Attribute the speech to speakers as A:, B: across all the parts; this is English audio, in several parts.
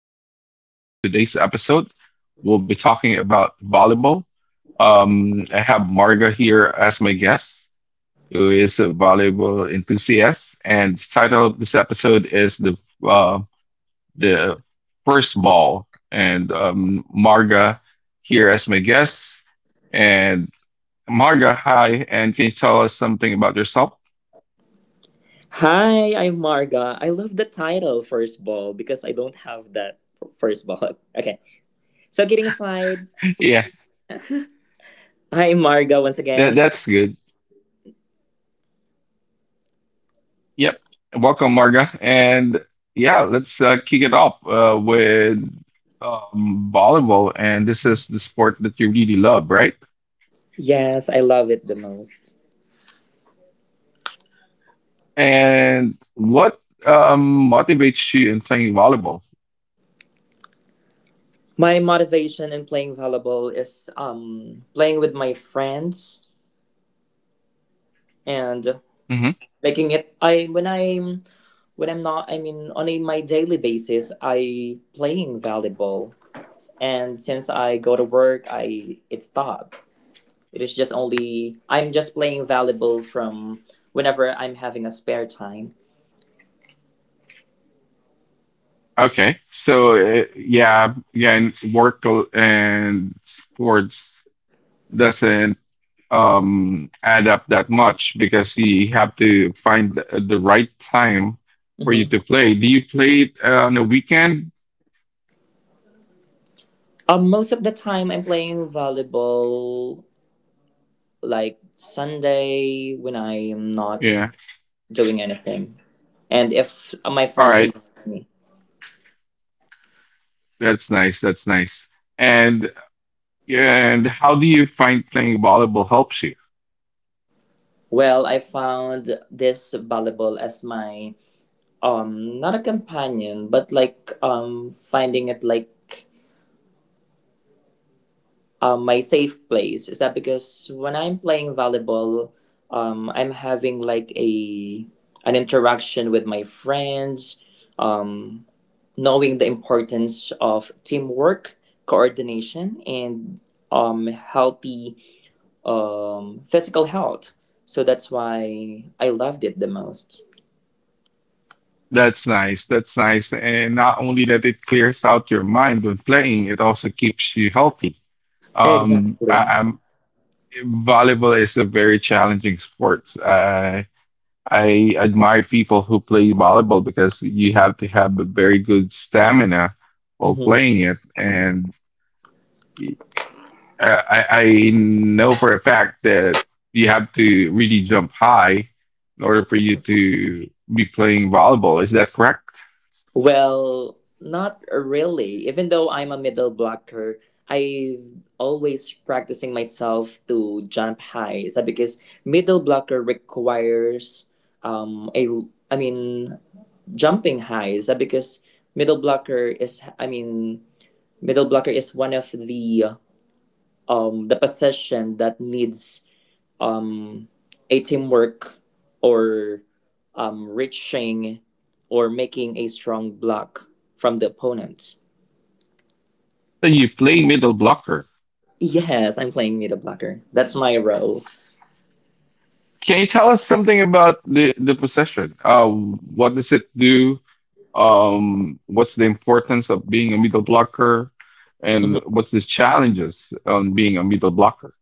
A: podcast. And for today's episode, we'll be talking about volleyball. I have Marga here as my guest, who is a volleyball enthusiast. And the title of this episode is uh, the first ball. And Marga here as my guest. And Marga, hi, and can you tell us something about yourself?
B: Hi, I'm Marga. I love the title first ball because I don't have that first ball. Okay. So kidding aside,
A: Yeah,
B: hi Marga once
A: that,
B: again.
A: that's good. Yep. Welcome, Marga. And yeah, let's kick it off with volleyball. And this is the sport that you really love, right?
B: Yes, I love it the most.
A: And what motivates you in playing volleyball?
B: My motivation in playing volleyball is playing with my friends and
A: Hmm.
B: making it I when I'm not, I mean, on my daily basis, I playing volleyball, and since I go to work I it stopped. It is just only I'm just playing Valuable from whenever I'm having a spare time.
A: Okay. So, yeah, again, work and sports doesn't add up that much because you have to find the right time for
B: Hmm.
A: you to play. Do you play it on a weekend?
B: Most of the time I'm playing Valuable like Sunday when I'm not
A: Yeah.
B: doing anything, and if my
A: All
B: friends
A: right,
B: invite me.
A: that's nice. That's nice. And how do you find playing volleyball helps you?
B: Well, I found this Valuable as my not a companion, but like finding it like, my safe place, is that because when I'm playing volleyball, I'm having like a an interaction with my friends, um, knowing the importance of teamwork, coordination, and healthy, physical health. So that's why I loved it the most.
A: That's nice. That's nice. And not only that, it clears out your mind when playing, it also keeps you healthy. I,
B: Exactly.
A: I'm Volleyball is a very challenging sport. I admire people who play volleyball because you have to have a very good stamina while
B: Mhm.
A: playing it, and I know for a fact that you have to really jump high in order for you to be playing volleyball. Is that correct?
B: Well, not really. Even though I'm a middle blocker, I always practicing myself to jump high. Is that because middle blocker requires a I mean jumping high. Is that because middle blocker is I mean middle blocker is one of the position that needs, um, a teamwork, or reaching or making a strong block from the opponent.
A: Then you play middle blocker.
B: Yes, I'm playing middle blocker. That's my role.
A: Can you tell us something about the possession? What does it do? What's the importance of being a middle blocker? And
B: Mhm.
A: what's the challenges on being a middle blocker?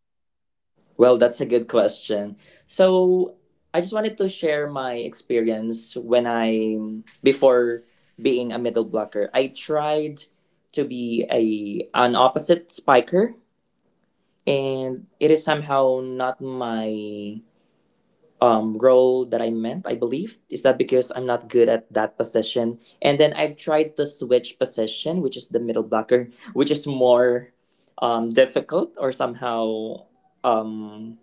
B: Well, that's a good question. So, I just wanted to share my experience when before being a middle blocker, I tried to be a an opposite spiker, and it is somehow not my, role that I meant, I believe. Is that because I'm not good at that position? And then I've tried the switch position, which is the middle blocker, which is more, difficult, or somehow, um,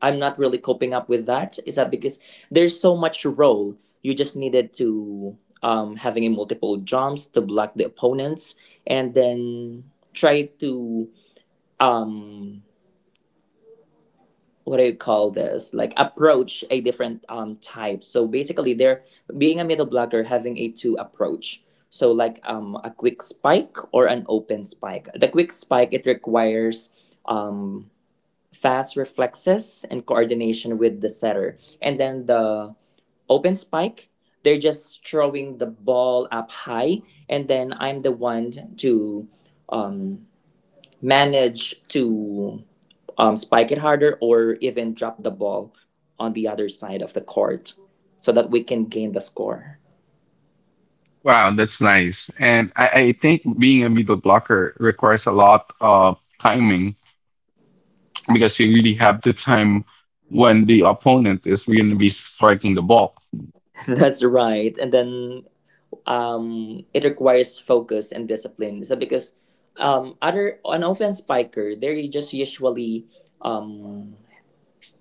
B: I'm not really coping up with that. Is that because there's so much role? You just needed to, having a multiple jumps to block the opponents, and then try to, um what do you call this, like approach a different type. So basically they're being a middle blocker having a two approach, so like a quick spike or an open spike. The quick spike, it requires um fast reflexes and coordination with the setter, and then the open spike, they're just throwing the ball up high, and then I'm the one to, um manage to, spike it harder or even drop the ball on the other side of the court, so that we can gain the score.
A: Wow, that's nice. And I think being a middle blocker requires a lot of timing because you really have the time when the opponent is going to be striking the ball.
B: That's right. And then, it requires focus and discipline. So because, other an open spiker, they're just usually, um,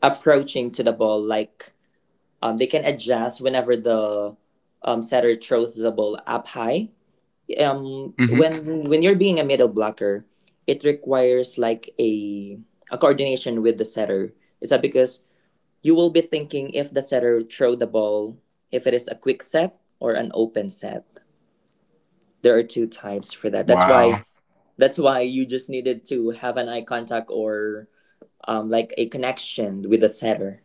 B: approaching to the ball like, they can adjust whenever the, setter throws the ball up high,
A: Hmm.
B: when you're being a middle blocker, it requires like a coordination with the setter. Is that because you will be thinking if the setter throw the ball, if it is a quick set or an open set. There are two types for that.
A: Wow.
B: That's why you just needed to have an eye contact, or like a connection with the setter.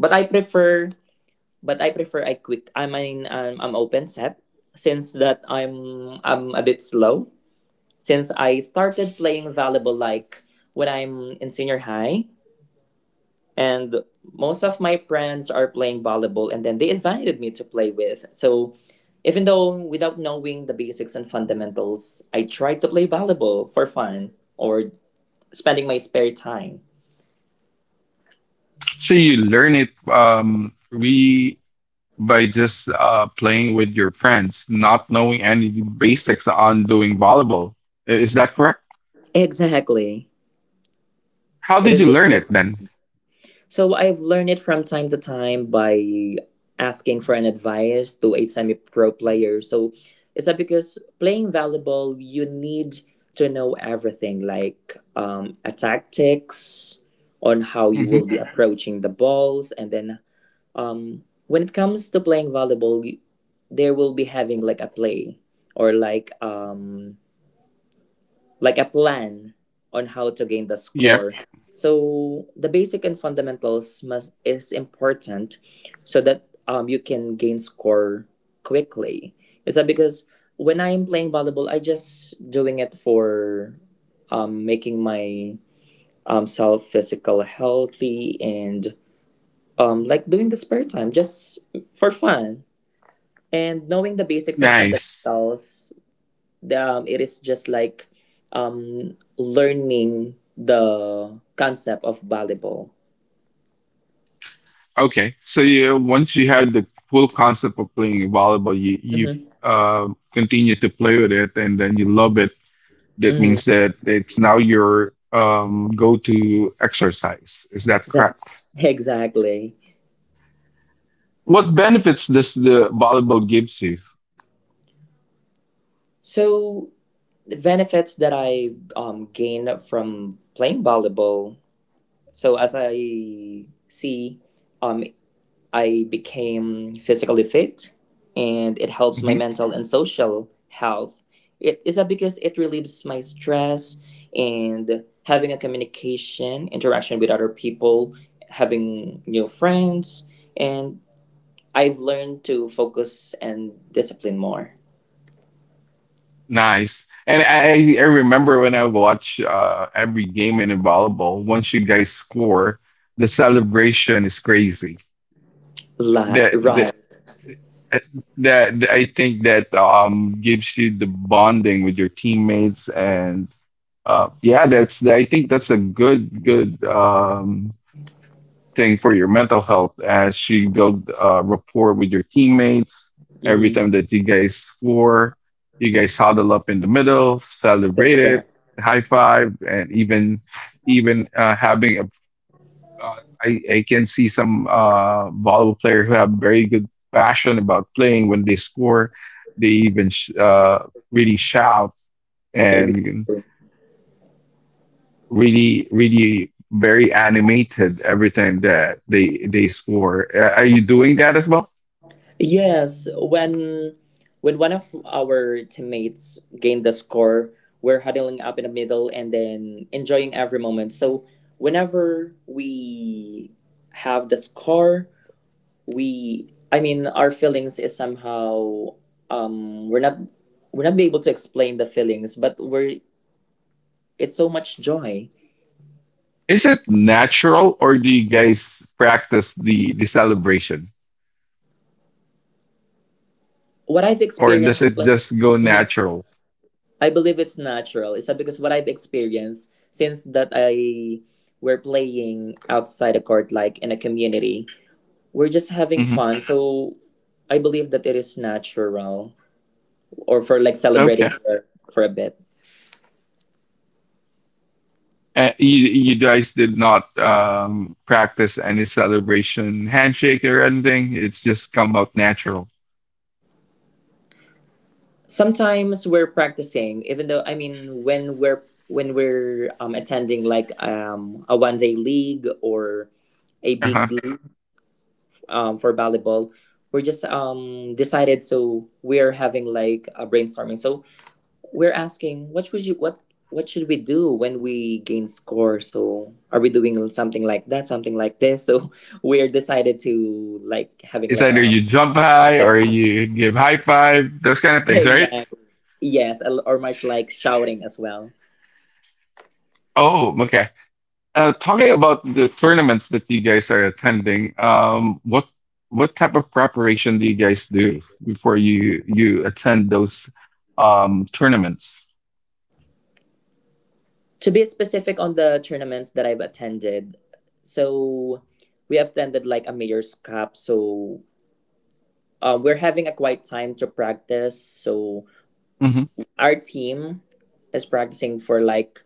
B: But I prefer but I prefer a quick, I mean I'm open set, since that I'm a bit slow, since I started playing volleyball like when I'm in senior high, and most of my friends are playing volleyball and then they invited me to play with. So even though without knowing the basics and fundamentals, I tried to play volleyball for fun or spending my spare time.
A: So you learn it we by just playing with your friends, not knowing any basics on doing volleyball. Is that correct?
B: Exactly.
A: How
B: It
A: did
B: is
A: you
B: just
A: learn it
B: for
A: then?
B: So I've learned it from time to time by asking for an advice to a semi pro player. So is that because playing volleyball, you need to know everything like, a tactics on how you
A: Hmm.
B: will be approaching the balls. And then, when it comes to playing volleyball, there will be having like a play or like, like a plan on how to gain the
A: Yep.
B: score. So the basic and fundamentals must is important so that you can gain score quickly. Is that because when I am playing volleyball, I just doing it for, making my, self physical healthy, and like doing the spare time just for fun, and knowing the basics and
A: Nice.
B: fundamentals, the, it is just like, learning the concept of volleyball.
A: Okay. So you, once you had the full concept of playing volleyball, you
B: Hmm.
A: uh, continue to play with it, and then you love it. That
B: Hmm.
A: means that it's now your go-to exercise. Is that correct?
B: Exactly.
A: What benefits does the volleyball gives you?
B: So the benefits that I, gained from playing volleyball. So as I see, um, I became physically fit and it helps my
A: Hmm.
B: mental and social health. It is that because it relieves my stress and having a communication, interaction with other people, having new friends, and I've learned to focus and discipline more.
A: Nice. And I remember when I watch every game in volleyball, once you guys score, the celebration is crazy. That that
B: Right.
A: that I think that gives you the bonding with your teammates and yeah, that's I think that's a good thing for your mental health as you build rapport with your teammates. Every
B: Hmm.
A: time that you guys score, you guys huddle up in the middle, celebrate
B: That's right.
A: it, high five, and even even having a. I can see some volleyball players who have very good passion about playing when they score. They even really shout and
B: Exactly.
A: really very animated everything that they score. Are you doing that as well?
B: Yes, when one of our teammates gained the score, we're huddling up in the middle and then enjoying every moment. So whenever we have the score, we I mean our feelings is somehow um we're not we're not be able to explain the feelings, but we're it's so much joy.
A: Is it natural or do you guys practice the celebration
B: What I've
A: or does
B: experienced
A: it
B: like.
A: just go
B: Mm-hmm.
A: natural?
B: I believe it's natural. It's that because what I've experienced since that I were playing outside a court, like in a community, we're just having
A: Hmm.
B: fun. So I believe that it is natural, or for like celebrating
A: Okay.
B: for, a bit.
A: Uh, you guys did not practice any celebration handshake or anything, it's just come out natural?
B: Sometimes we're practicing, even though I mean when we're attending like, a one day league or a big
A: Uh-huh.
B: league, for volleyball, we're just, decided, so we're having like a brainstorming. So we're asking, what would you what should we do when we gain score? So are we doing something like that, something like this? So we're decided to like having
A: It's either you jump high
B: like
A: or you give high five, those kind of things, right?
B: exactly. Yes, or much like shouting as well.
A: Oh, okay. Talking about the tournaments that you guys are attending, what type of preparation do you guys do before you attend those tournaments?
B: To be specific on the tournaments that I've attended, so we have attended like a Mayor's Cup. So, we're having a quiet time to practice. So
A: Hmm.
B: our team is practicing for like,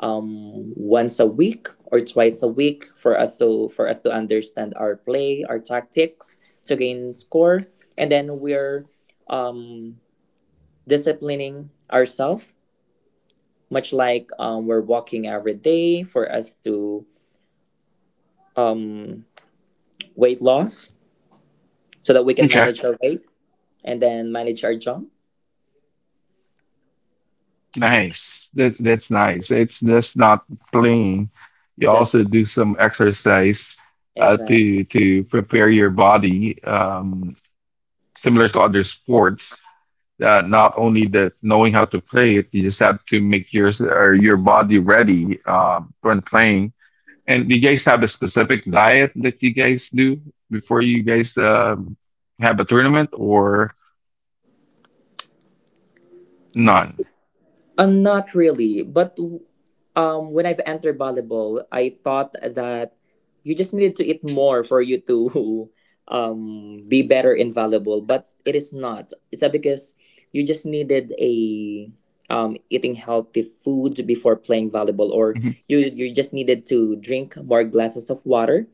B: once a week or twice a week, for us, so for us to understand our play, our tactics to gain score, and then we're, um disciplining ourselves much like, we're walking every day for us to, um weight loss, so that we can
A: Okay,
B: manage our weight and then manage our jump.
A: nice. That's nice. It's that's not playing. You
B: That's
A: also
B: right.
A: do some exercise uh,
B: Exactly.
A: to to prepare your body, similar to other sports. Uh, not only the knowing how to play it, you just have to make your or your body ready when playing. And do you guys have a specific diet that you guys do before you guys have a tournament or none?
B: Not really, but, when I've entered volleyball, I thought that you just needed to eat more for you to be better in volleyball, but it is not. It's that because you just needed a, eating healthy food before playing volleyball, or
A: Mhm.
B: you just needed to drink more glasses of water.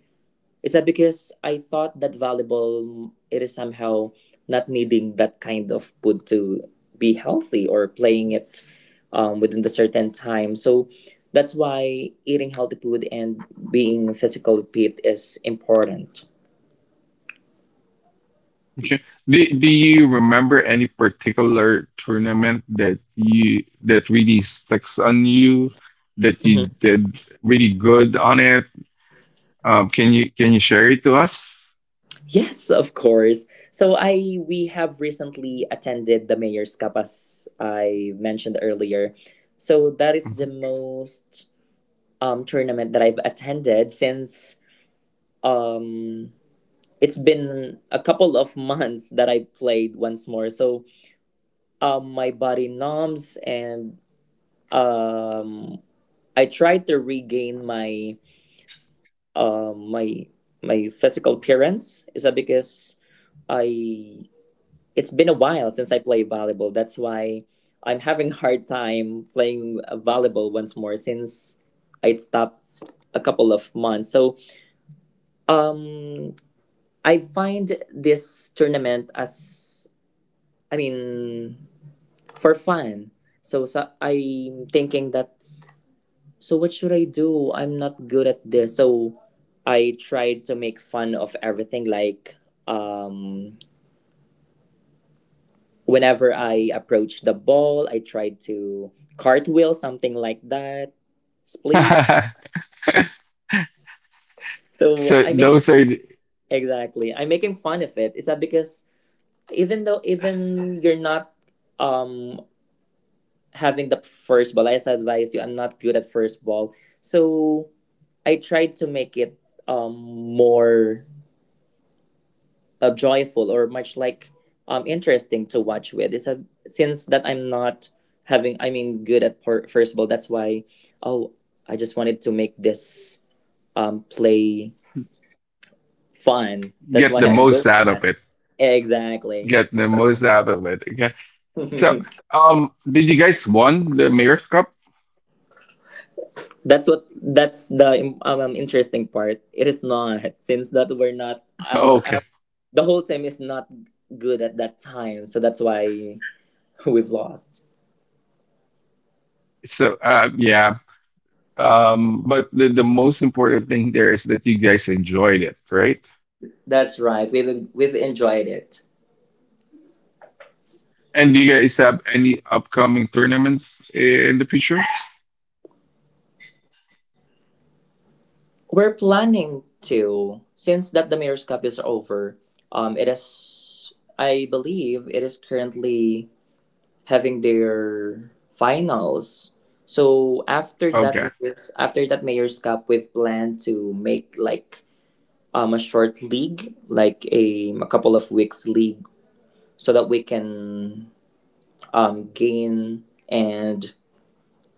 B: It's that because I thought that volleyball it is somehow not needing that kind of food to be healthy, or playing it, within the certain time. So that's why eating healthy food and being physical fit is important.
A: Okay. Do you remember any particular tournament that you that really sticks on you that
B: Mhm.
A: you did really good on it? Can you share it to us?
B: Yes, of course. So I we have recently attended the Mayor's Cup as I mentioned earlier. So that is the
A: Mhm.
B: most tournament that I've attended, since um it's been a couple of months that I played once more. So, my body numbs, and, um, I tried to regain my, um, my my physical appearance. Is that because I it's been a while since I play volleyball. That's why I'm having hard time playing, volleyball once more, since I stopped a couple of months. So, um, I find this tournament as, I mean, for fun. So, I'm thinking that, so what should I do? I'm not good at this. So I tried to make fun of everything. Like, um, whenever I approach the ball, I tried to cartwheel, something like that, split. So
A: So
B: I make
A: those are.
B: Exactly. I'm making fun of it. Is that because, even though even you're not, um having the first ball, I advise you, I'm not good at first ball. So I tried to make it um more, joyful, or much like interesting to watch with. It's since that I'm not having, I mean, good at first ball. That's why, oh, I just wanted to make this play fun. That's
A: Get
B: why
A: the
B: I'm doing
A: most out of it.
B: exactly.
A: Get the most out of it. Okay. So, did you guys won the Mayor's Cup?
B: That's the, interesting part. It is not, since that we're not,
A: Okay.
B: the whole team is not good at that time, so that's why we've lost.
A: So, yeah. But the most important thing there is that you guys enjoyed it, right?
B: That's right. We've enjoyed it.
A: And do you guys have any upcoming tournaments in the future?
B: We're planning to, since that the Mayor's Cup is over. It is I believe it is currently having their finals. So
A: Okay.
B: After that Mayor's Cup, we've planned to make like, a short league, like a couple of weeks league, so that we can gain and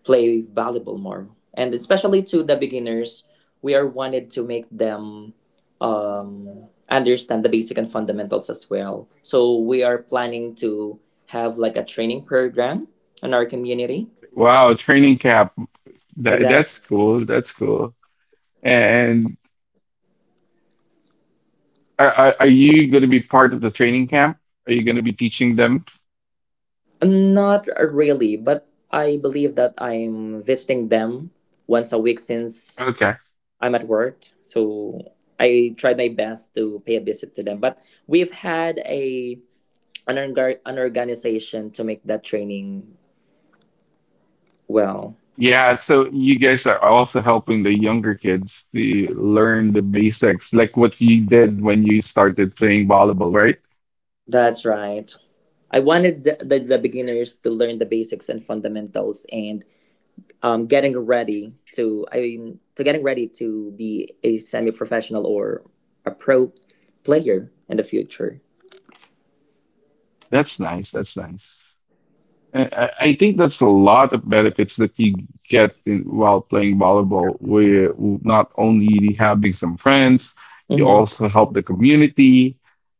B: play volleyball more. And especially to the beginners, we are wanted to make them, understand the basic and fundamentals as well. So we are planning to have like a training program in our community.
A: Wow, training camp. That
B: Exactly.
A: that's cool. That's cool. And are you going to be part of the training camp? Are you going to be teaching them?
B: Not really, but I believe that I'm visiting them once a week since
A: Okay.
B: I'm at work. So I tried my best to pay a visit to them. But we've had a an organization to make that training well.
A: Yeah, so you guys are also helping the younger kids to learn the basics, like what you did when you started playing volleyball, right?
B: That's right. I wanted the beginners to learn the basics and fundamentals and getting ready to getting ready to be a semi professional or a pro player in the future.
A: That's nice. That's nice. I think that's a lot of benefits that you get in, while playing volleyball, where not only having some friends, you
B: Mm-hmm.
A: also help the community.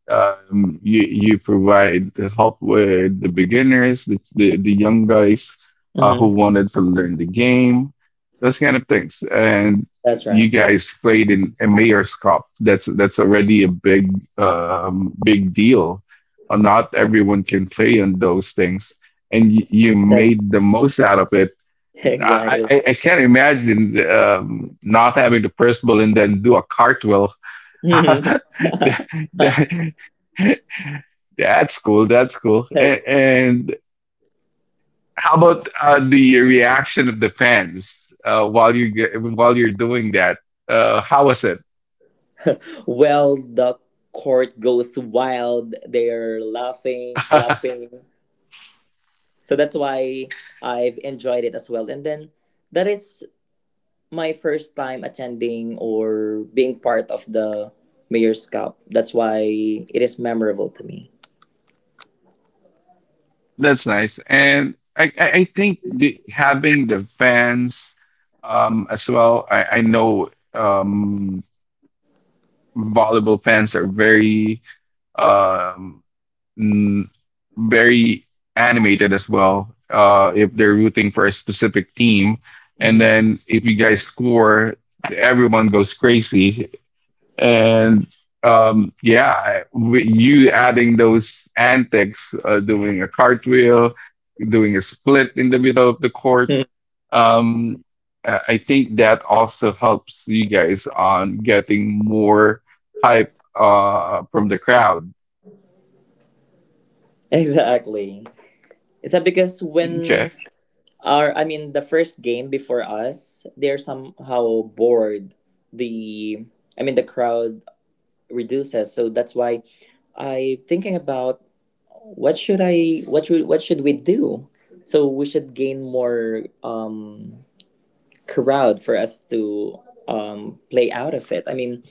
A: You provide the help with the beginners, the young guys who
B: Mm-hmm.
A: wanted to learn the game, those kind of things. And
B: That's
A: you
B: right.
A: guys played in a Mayor's Cup. That's already a big big deal. Not everyone can play on those things, and you
B: That's
A: made the most out of it. I,
B: exactly.
A: I, I can't imagine not having the first ball and then do a cartwheel. That- that- that's cool. That's cool. And how about the reaction of the fans while you're doing that? How was it?
B: Well, the court goes wild. They're laughing, clapping. So that's why I've enjoyed it as well. And then that is my first time attending or being part of the Mayor's Cup. That's why it is memorable to me.
A: That's nice. And I think the, having the fans as well. I know volleyball fans are very um, mm, very animated as well if they're rooting for a specific team. And
B: Mhm.
A: then if you guys score, everyone goes crazy. And yeah, with you adding those antics, doing a cartwheel, doing a split in the middle of the court, um, I think that also helps you guys on getting more hype from the crowd.
B: Exactly. It's that because when
A: Okay.
B: our, I mean, the first game before us, they're somehow bored. The, I mean, the crowd reduces. So that's why I thinking about what should we do? So we should gain more crowd for us to play out of it. I mean,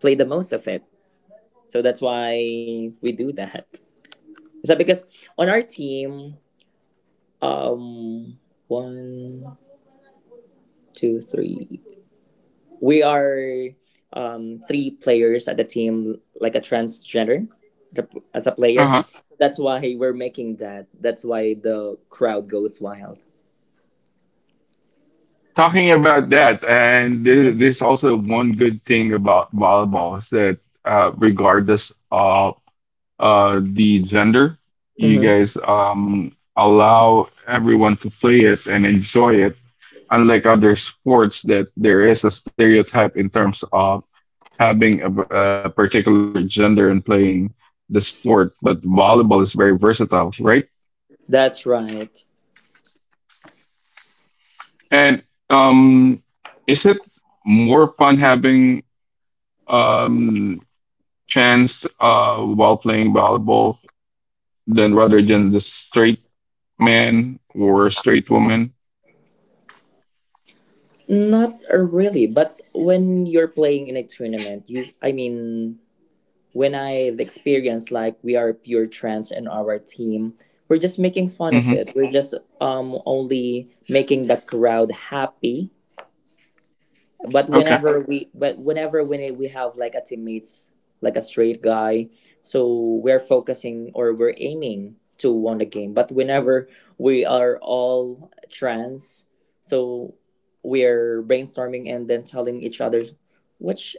B: play the most of it. So that's why we do that. Is that because on our team, um, one, two, three. We are three players at the team like a transgender as a player. That's why we're making that. That's why the crowd goes wild.
A: Talking about that, and there's also one good thing about volleyball is that regardless of the gender, you
B: Hmm.
A: guys allow everyone to play it and enjoy it. Unlike other sports, that there is a stereotype in terms of having a particular gender and playing the sport, but volleyball is very versatile, right?
B: That's right.
A: And um, is it more fun having? Um, chance while playing volleyball than rather than the straight man or straight woman.
B: Not really, but when you're playing in a tournament, you I mean, when I've experienced like we are pure trans in our team, we're just making fun of
A: Hmm.
B: it. We're just only making the crowd happy, but
A: Okay.
B: whenever we have like a teammates like a straight guy, so we're focusing or we're aiming to win the game, but whenever we are all trans, so we're brainstorming and then telling each other which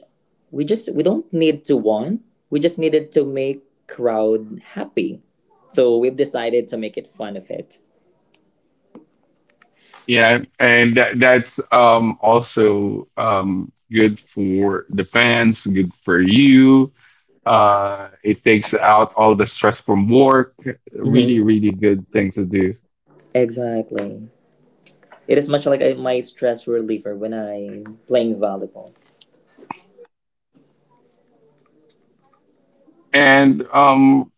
B: we don't need to win, we just needed to make crowd happy, so we've decided to make it fun of it.
A: Yeah, and that's also good for the fans, good for you. It takes out all the stress from work.
B: Hmm.
A: Really, really good thing to do.
B: Exactly. It is much like a, my stress reliever when I'm playing volleyball.
A: And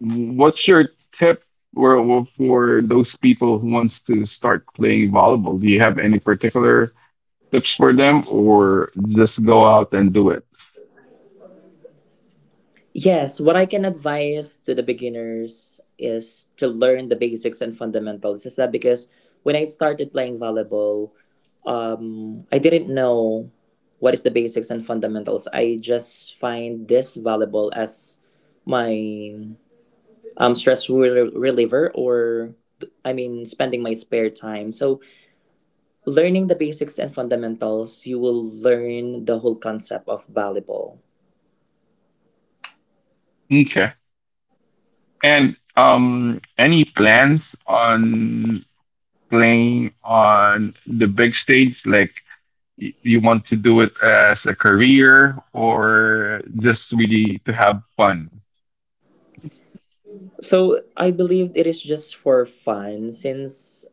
A: what's your tip for those people who wants to start playing volleyball? Do you have any particular tips for them, or just go out and do it?
B: Yes, what I can advise to the beginners is to learn the basics and fundamentals. Is that because when I started playing volleyball, I didn't know what is the basics and fundamentals. I just find this volleyball as my reliever or I mean spending my spare time. So learning the basics and fundamentals, you will learn the whole concept of volleyball.
A: Okay. And any plans on playing on the big stage? Like you want to do it as a career, or just really to have fun?
B: So I believed it is just for fun since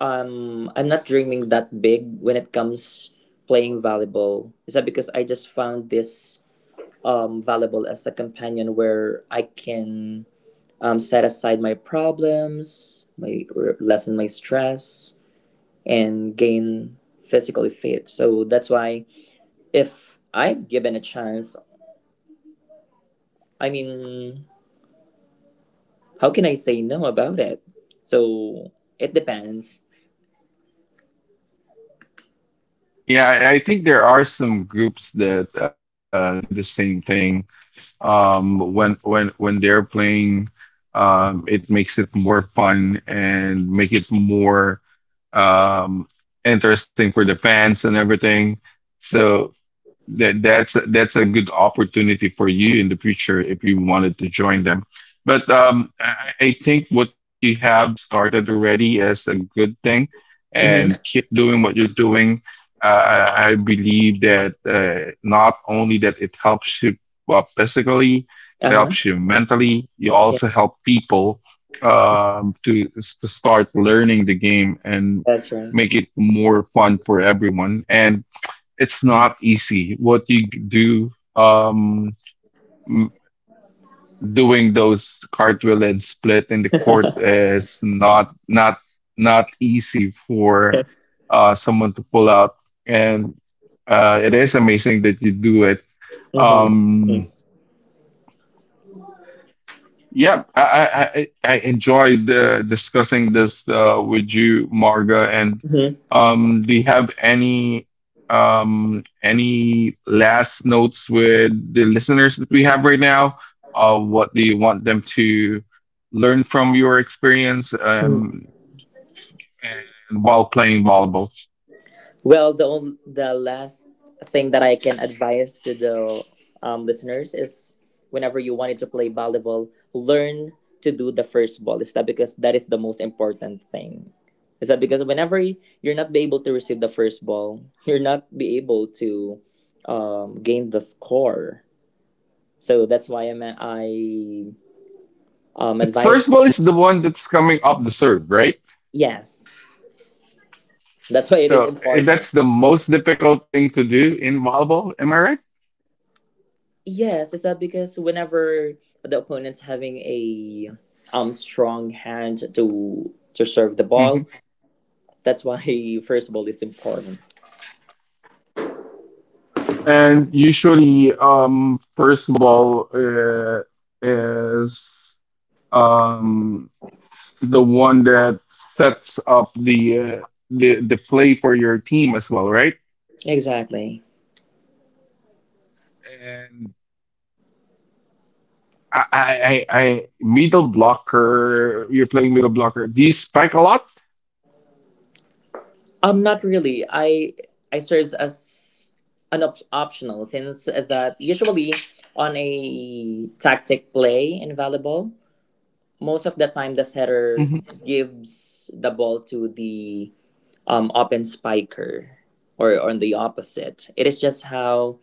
B: I'm not dreaming that big when it comes playing volleyball. Is that because I just found this volleyball as a companion where I can set aside my problems, my lessen my stress, and gain physically fit. So that's why if I've given a chance, I mean, how can I say no about it? So it depends.
A: Yeah, I think there are some groups that do the same thing. Um, when they're playing, it makes it more fun and make it more um, interesting for the fans and everything. So that's a good opportunity for you in the future if you wanted to join them. But I think what you have started already is a good thing, and
B: Mm-hmm.
A: keep doing what you're doing. I believe that not only that it helps you physically, it
B: Uh huh.
A: helps you mentally. You
B: Yeah,
A: also help people to start learning the game and
B: that's right.
A: make it more fun for everyone. And it's not easy. What you do, m- doing those cartwheel and split in the court is not easy for someone to pull out, and it is amazing that you do it.
B: Mm-hmm.
A: Um, Yeah, I enjoyed discussing this with you, Marga. And
B: Mm-hmm.
A: do you have any last notes with the listeners that we have right now? What do you want them to learn from your experience
B: Hmm.
A: and while playing volleyball?
B: Well, the last thing that I can advise to the listeners is whenever you wanted to play volleyball, learn to do the first ball. Is that because that is the most important thing? Is that because whenever you're not be able to receive the first ball, you're not be able to gain the score. So that's why I'm I
A: The first
B: advise.
A: ball is the one that's coming up the serve, right?
B: Yes. That's why it is
A: So eh,
B: important.
A: that's the most difficult thing to do in volleyball. Am I right?
B: Yes, is that because whenever the opponent's having a strong hand to serve the ball,
A: Mm-hmm.
B: that's why first of all it's important.
A: And usually, first of all, is um, the one that sets up the the play for your team as well, right?
B: Exactly.
A: And middle blocker. You're playing middle blocker. Do you spike a lot?
B: Not really. I serves as optional since that usually on a tactic play in volleyball, most of the time the setter gives the ball to the open spiker or on the opposite. It is just how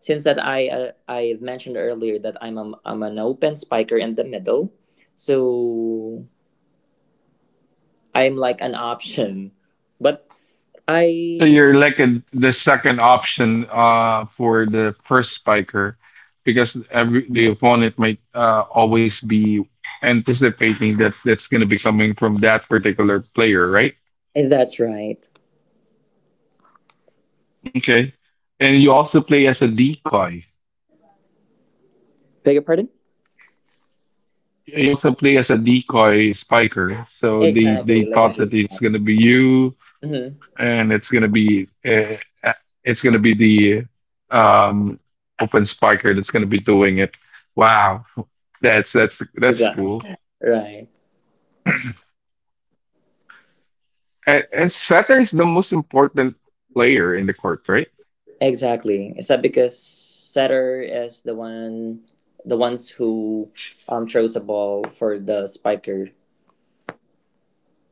B: since that I mentioned earlier that I'm an open spiker in the middle, so I'm like an option. But
A: So you're
B: I
A: like a, the second option for the first spiker because every the opponent might always be anticipating that that's going to be coming from that particular player, right?
B: that's right.
A: Okay. And you also play as a decoy.
B: Beg your pardon?
A: You also play as a decoy spiker. So they
B: Exactly, like a
A: thought that
B: dig.
A: it's going to be you
B: Mm-hmm.
A: and it's going to be uh, it's going to be the um, open spiker that's going to be doing it. Wow. That's
B: Exactly.
A: cool.
B: Right.
A: And setter is the most important player in the court, right?
B: Exactly. Except because setter is the one, the ones who throws a ball for the spiker.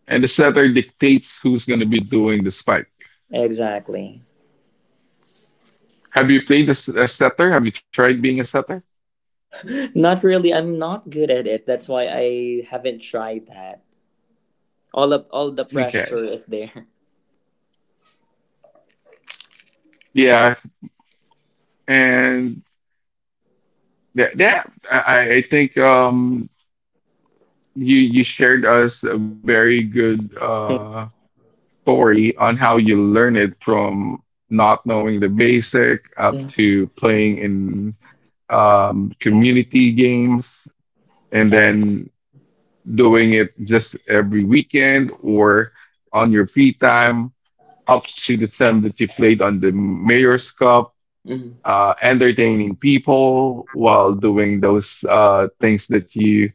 A: And the setter dictates who's going to be doing the spike.
B: Exactly.
A: Have you played as a setter? Have you tried being a setter?
B: Not really. I'm not good at it. That's why I haven't tried that. All of all the
A: Okay.
B: pressure is there.
A: Yeah, and that I think you you shared us a very good story on how you learn it from not knowing the basic up
B: Mhm.
A: to playing in community games and
B: Yeah.
A: then doing it just every weekend or on your free time up to the time that you played on the mayor's cup
B: Mhm.
A: entertaining people while doing those things that you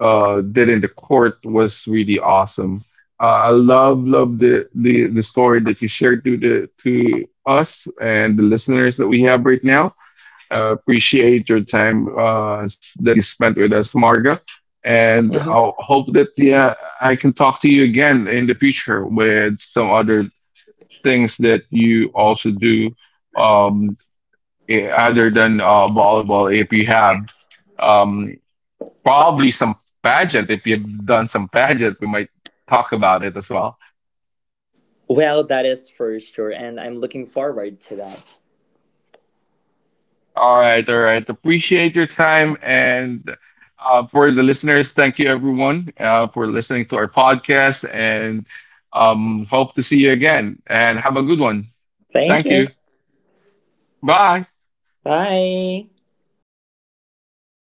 A: did in the court was really awesome. Uh, I love the story that you shared to the to us and the listeners that we have right now. Uh, appreciate your time that you spent with us, Marga.
B: Uh-huh.
A: And I hope that yeah, I can talk to you again in the future with some other things that you also do um, other than volleyball. If you have um, probably some pageant, if you've done some pageant, we might talk about it as well.
B: Well, that is for sure, and I'm looking forward to that.
A: All right, all right. Appreciate your time. And for the listeners, thank you everyone for listening to our podcast and hope to see you again. And have a good one.
B: Thank
A: Thank
B: you.
A: you. Bye.
B: Bye.